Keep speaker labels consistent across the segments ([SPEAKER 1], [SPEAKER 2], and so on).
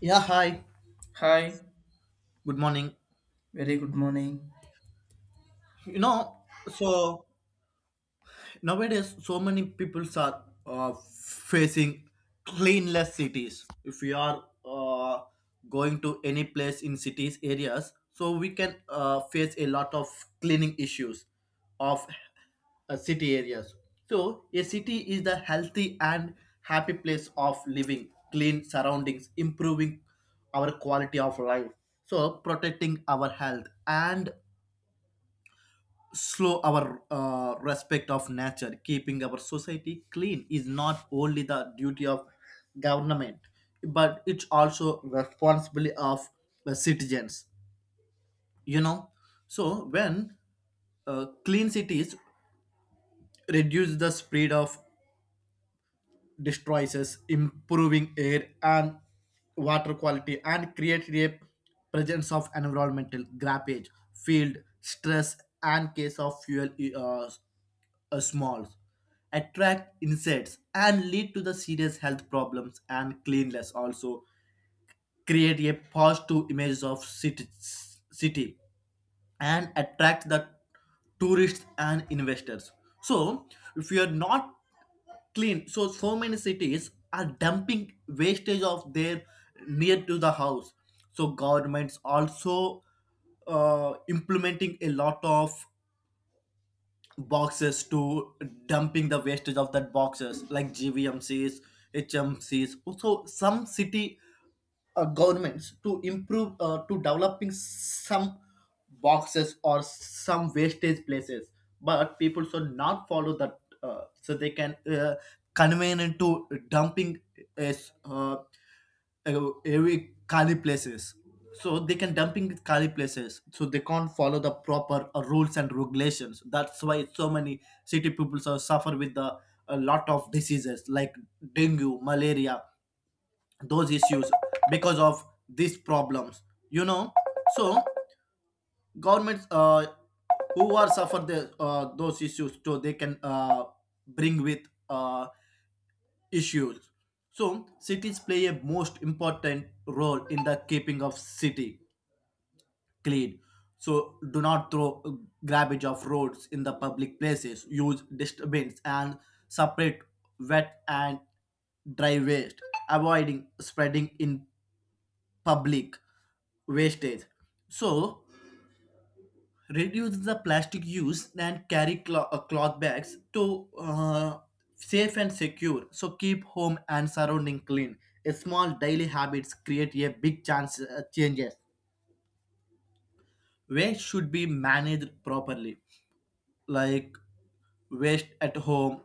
[SPEAKER 1] Yeah, hi.
[SPEAKER 2] Hi,
[SPEAKER 1] Good morning.
[SPEAKER 2] very good morning.
[SPEAKER 1] You know, so nowadays so many people are facing cleanless cities. If we are going to any place in cities areas, so we can face a lot of cleaning issues of city areas. So a city is the healthy and happy place of living, clean surroundings, improving our quality of life. So protecting our health and slow our respect of nature keeping our society clean is not only the duty of government but it's also responsibility of the citizens you know so when clean cities reduce the spread of destroys, improving air and water quality and create a presence of environmental grappage, field stress, and case of fuel uh, smalls attract insects and lead to the serious health problems and cleanliness also create a positive image of city and attract the tourists and investors. So if you are not clean, so so many cities are dumping wastage of their near to the house. So governments also implementing a lot of boxes to dumping the wastage of that boxes like GVMCs, HMCs. Also, some city governments to improve to developing some boxes or some wastage places, but people should not follow that so they can convene into dumping is every Kali places. So they can dumping with Kali places. So they can't follow the proper rules and regulations. That's why so many city people so suffer with the a lot of diseases like dengue, malaria, those issues because of these problems. You know, so governments who are suffer the those issues so they can bring with uh, issues. So cities play a most important role in the keeping of city clean. So do not throw garbage of roads in the public places. Use dustbins and separate wet and dry waste, avoiding spreading in public wastage. So reduce the plastic use and carry cloth bags to safe and secure so keep home and surrounding clean a small daily habits create a big chance changes waste should be managed properly like waste at home,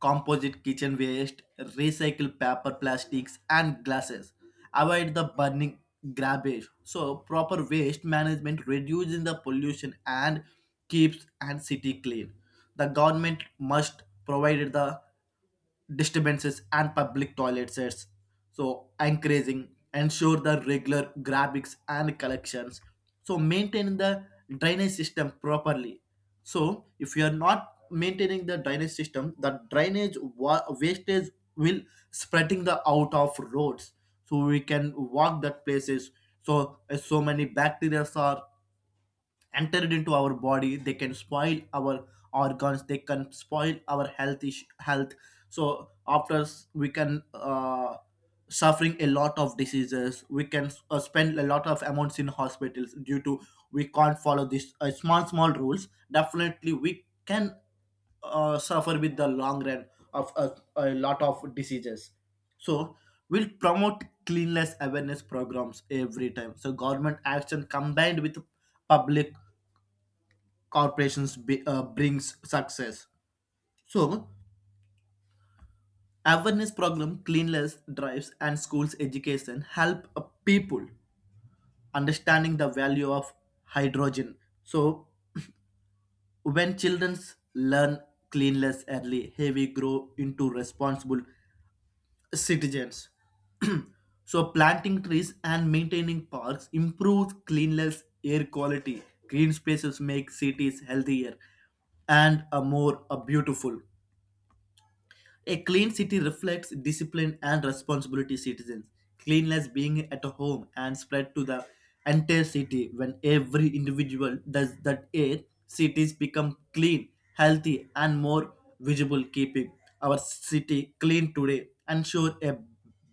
[SPEAKER 1] composite kitchen waste, recycle paper, plastics, and glasses. Avoid the burning garbage. So, proper waste management reduces the pollution and keeps and city clean. The government must provide the disturbances and public toilets, so encouraging ensure the regular grabbigs and collections. So maintaining the drainage system properly. So if you are not maintaining the drainage system, the drainage wastage will spreading the out of roads. So we can walk that places. So so many bacteria are entered into our body they can spoil our organs they can spoil our health so we can suffering a lot of diseases we can spend a lot of amounts in hospitals due to we can't follow these small small rules definitely we can suffer with the long run of a lot of diseases so we'll promote cleanliness awareness programs every time so government action combined with public corporations brings success. So awareness program, cleanliness drives, and schools education help people understanding the value of hydrogen. So when children learn cleanliness early, hey, we grow into responsible citizens. So planting trees and maintaining parks improves cleanliness, air quality. Green spaces make cities healthier and a more a beautiful. A clean city reflects discipline and responsibility citizens. Cleanliness being at home and spread to the entire city when every individual does that air, cities become clean, healthy, and more visible, keeping our city clean today and sure a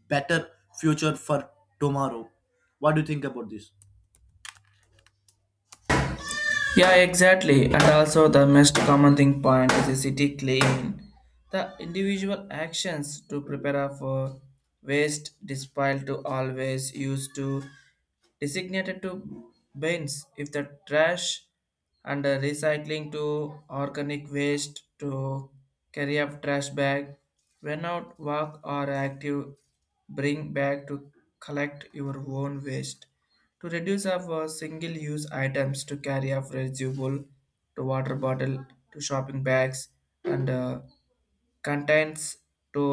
[SPEAKER 1] better future for tomorrow. What do you think about this?
[SPEAKER 2] Yeah, exactly. And also, the most common thing point is a city clean. The individual actions to prepare for waste despite to always used to designated to bins if the trash and recycling to organic waste to carry up trash bag when out walk or active bring bag to collect your own waste to reduce of single use items to carry of reusable to water bottle to shopping bags and contents to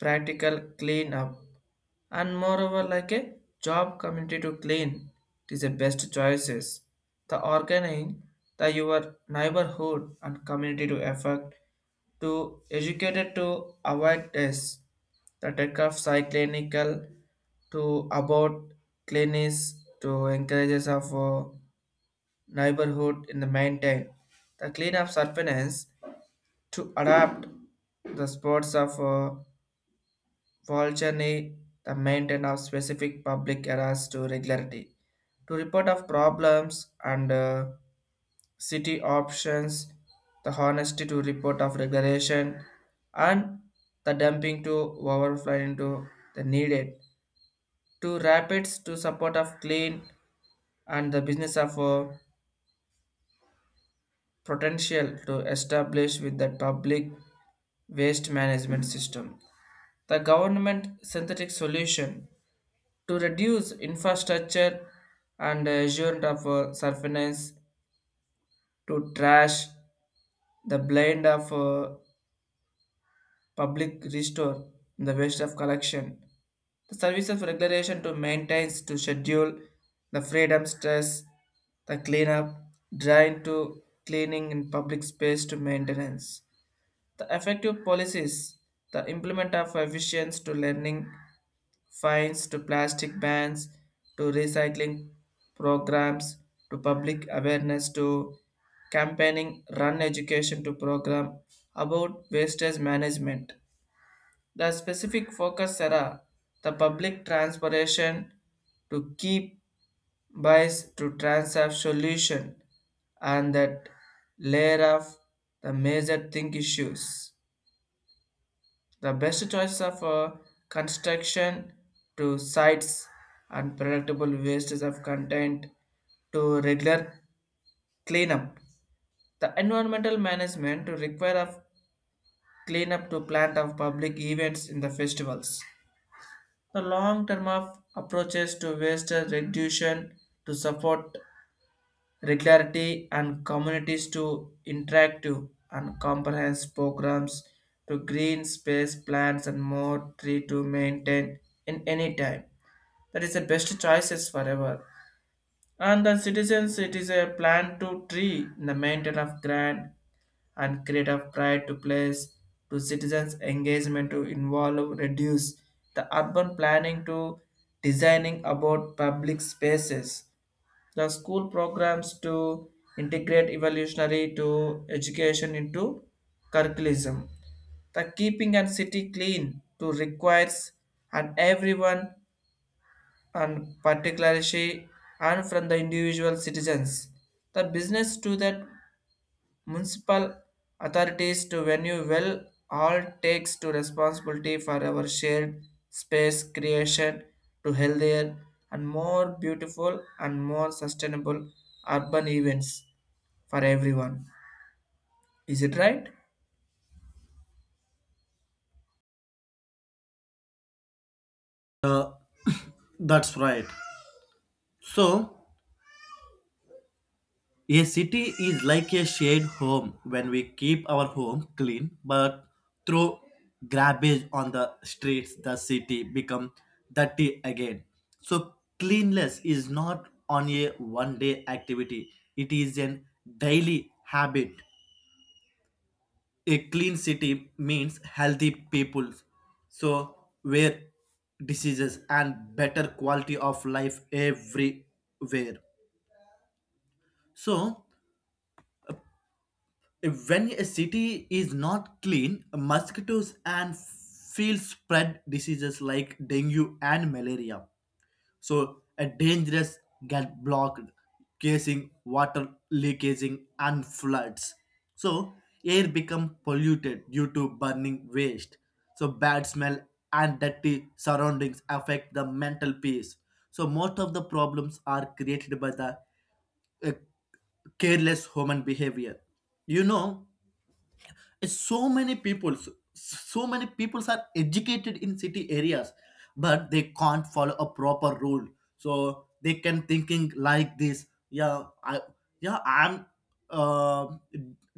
[SPEAKER 2] practical clean up, and moreover like a job community to clean it is the best choices the organizing the your neighborhood and community to effect to educated to avoid this the tech of cyclinical to about cleanliness to encourages of neighborhood in the maintain the clean up surveillance to adapt the sports of Volgene the maintenance of specific public areas to regularity. To report of problems and city options, the honesty to report of regulation and the dumping to overflow into the needed. To rapids to support of clean and the business of potential to establish with the public waste management system. The government synthetic solution to reduce infrastructure and assurance of surveillance to trash the blind of public restore the waste of collection. The service of regulation to maintain to schedule the freedom stress, the cleanup, drain to cleaning in public space to maintenance. The effective policies, the implement of efficiency to learning fines to plastic bans to recycling programs to public awareness to campaigning run education to program about wastage management the specific focus are the public transportation to keep buys to transact solution and that layer of the major think issues the best choice of construction to sites and predictable wastes of content to regular cleanup. The environmental management to require of cleanup to plant of public events in the festivals. The long term of approaches to waste reduction to support regularity and communities to interactive and comprehensive programs to green space plants and more tree to maintain in any time. That is the best choices forever. And the citizens, it is a plan to tree in the maintain of grant and create of pride to place to citizens engagement to involve reduce the urban planning to designing about public spaces the school programs to integrate evolutionary to education into curriculum. The keeping and city clean to requires and everyone and particularly and from the individual citizens. The business to that municipal authorities to venue well all takes to responsibility for our shared space creation to healthier and more beautiful and more sustainable urban events for everyone. Is it right?
[SPEAKER 1] Uh, that's right. So, a city is like a shared home when we keep our home clean, but throw garbage on the streets, the city become dirty again. So cleanliness is not on a one-day activity; it is an daily habit. A clean city means healthy people, so where diseases and better quality of life everywhere. So when a city is not clean, mosquitoes and field spread diseases like dengue and malaria. So, a dangerous get blocked, causing water leakaging and floods. So, air become polluted due to burning waste. So, bad smell and dirty surroundings affect the mental peace. So, most of the problems are created by the uh, careless human behavior. You know, so many people are educated in city areas but they can't follow a proper rule so they can thinking like this, yeah I'm uh,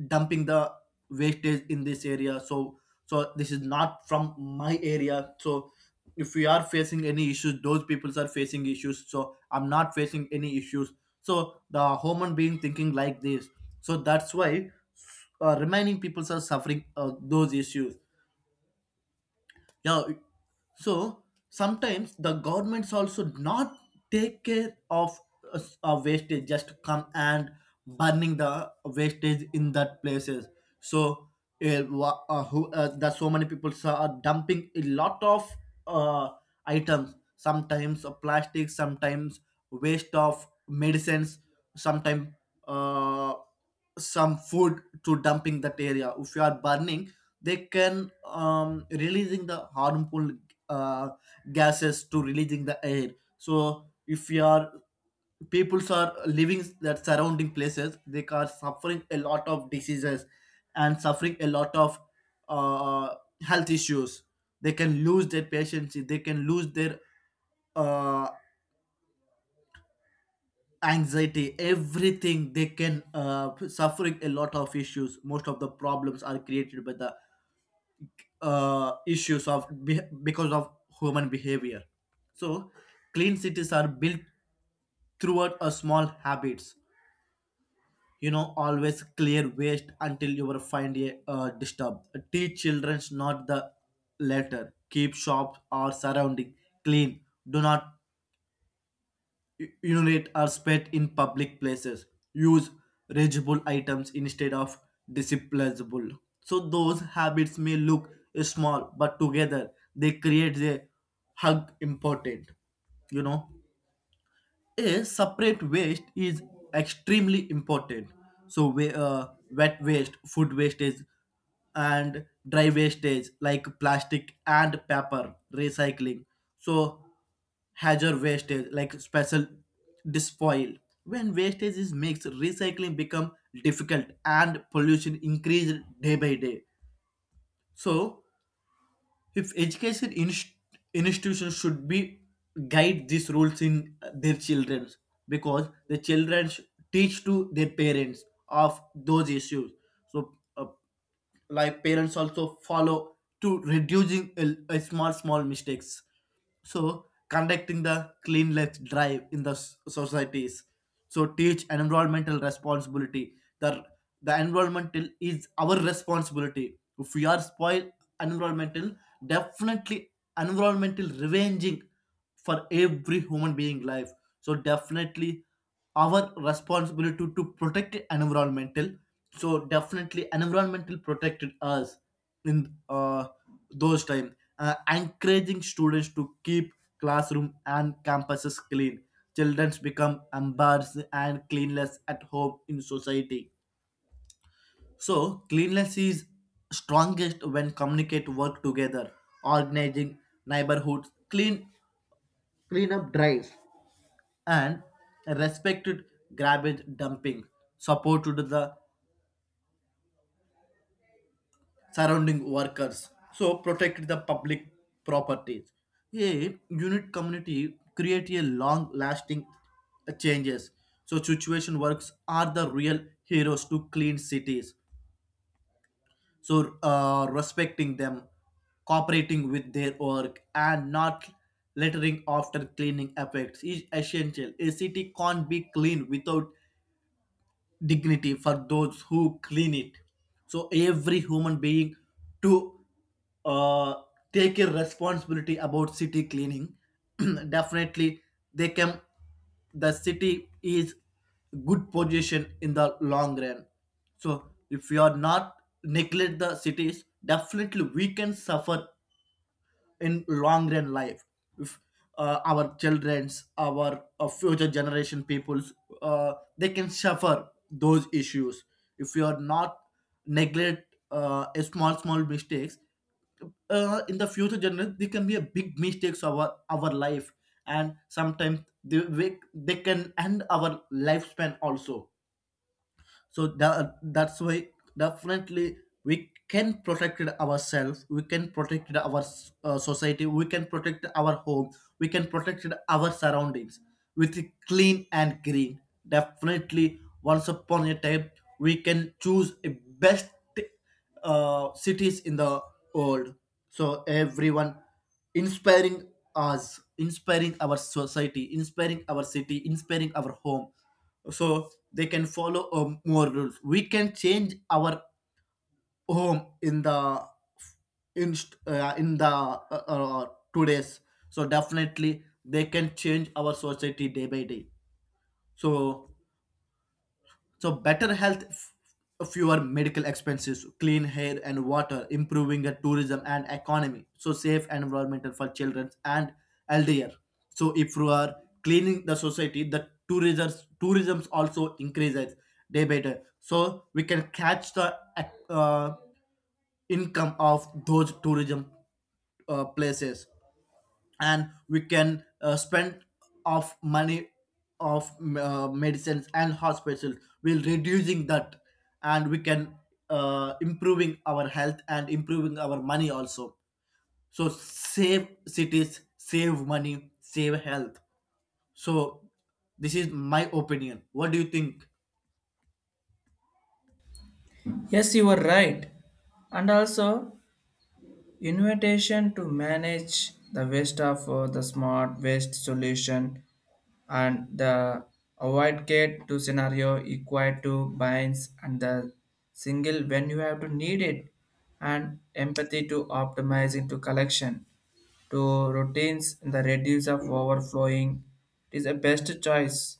[SPEAKER 1] dumping the wastage in this area so so this is not from my area so if we are facing any issues those people are facing issues so I'm not facing any issues so the human being thinking like this so that's why remaining peoples are suffering those issues, yeah. So sometimes the governments also not take care of wastage just come and burning the wastage in that places so wha- who that so many people are dumping a lot of uh, items sometimes plastic sometimes waste of medicines sometimes uh, some food to dumping that area if you are burning they can releasing the harmful uh, gases to releasing the air so if you are peoples are living that surrounding places they are suffering a lot of diseases and suffering a lot of uh, health issues they can lose their patience they can lose their uh, anxiety everything they can suffering a lot of issues most of the problems are created by the issues of because of human behavior. So, clean cities are built throughout a small habits. You know, always clear waste until you will find a disturb. Teach childrens not the latter. Keep shops or surrounding clean. Do not urinate or spat in public places. Use reusable items instead of disposable. So those habits may look small, but together they create a hug important. You know. A separate waste is extremely important. So, wet waste, food wastage, and dry wastage like plastic and paper recycling. So, hazard wastage like special disposal. When wastage is mixed, recycling become difficult and pollution increased day by day. So, if institutions should be guide these rules in their children because the teach to their parents of those issues so like parents also follow to reducing a small small mistakes so conducting the clean left drive in the societies so teach environmental responsibility the environmental is our responsibility if we are spoil environmental definitely environmental revenging for every human being life so definitely our responsibility to protect environmental so definitely environmental protected us in those time. Encouraging students to keep classroom and campuses clean children become embarrassed and cleanless at home in society so, cleanliness is strongest when communicate work together, organizing neighborhoods, cleanup drives, and respected garbage dumping, support to the surrounding workers. So, protect the public properties. A unit community create a long-lasting changes. So, situation works are the real heroes to clean cities. So respecting them cooperating with their work and not littering after cleaning effects is essential a city can't be clean without dignity for those who clean it. So every human being to uh, take a responsibility about city cleaning. Definitely, they can. The city is good position in the long run. So if we are not neglect the cities, definitely we can suffer in long run life if our children's our future generation peoples they can suffer those issues if you are not neglect a small small mistakes in the future generation they can be a big mistakes of our life and sometimes they can end our lifespan also so that's why definitely we can protect ourselves we can protect our society we can protect our home we can protect our surroundings with clean and green definitely once upon a time we can choose a best cities in the world. So everyone inspiring us, inspiring our society, inspiring our city, inspiring our home. So they can follow more rules. We can change our home in the in uh, in the uh, uh, today's. So definitely they can change our society day by day. So so better health, fewer medical expenses, clean air and water, improving the tourism and economy. So safe environmental for children and elderly. So if you are cleaning the society, the tourism also increases day by day. So we can catch the uh, income of those tourism places and we can spend of money of medicines and hospitals we'll reducing that and we can improving our health and improving our money also so save cities save money save health so this is my opinion what do you think
[SPEAKER 2] Yes, you are right. And also, invitation to manage the waste of the smart waste solution and the avoid gate to scenario equal to binds and the single when you have to need it and empathy to optimizing to collection to routines and the reduce of overflowing it is a best choice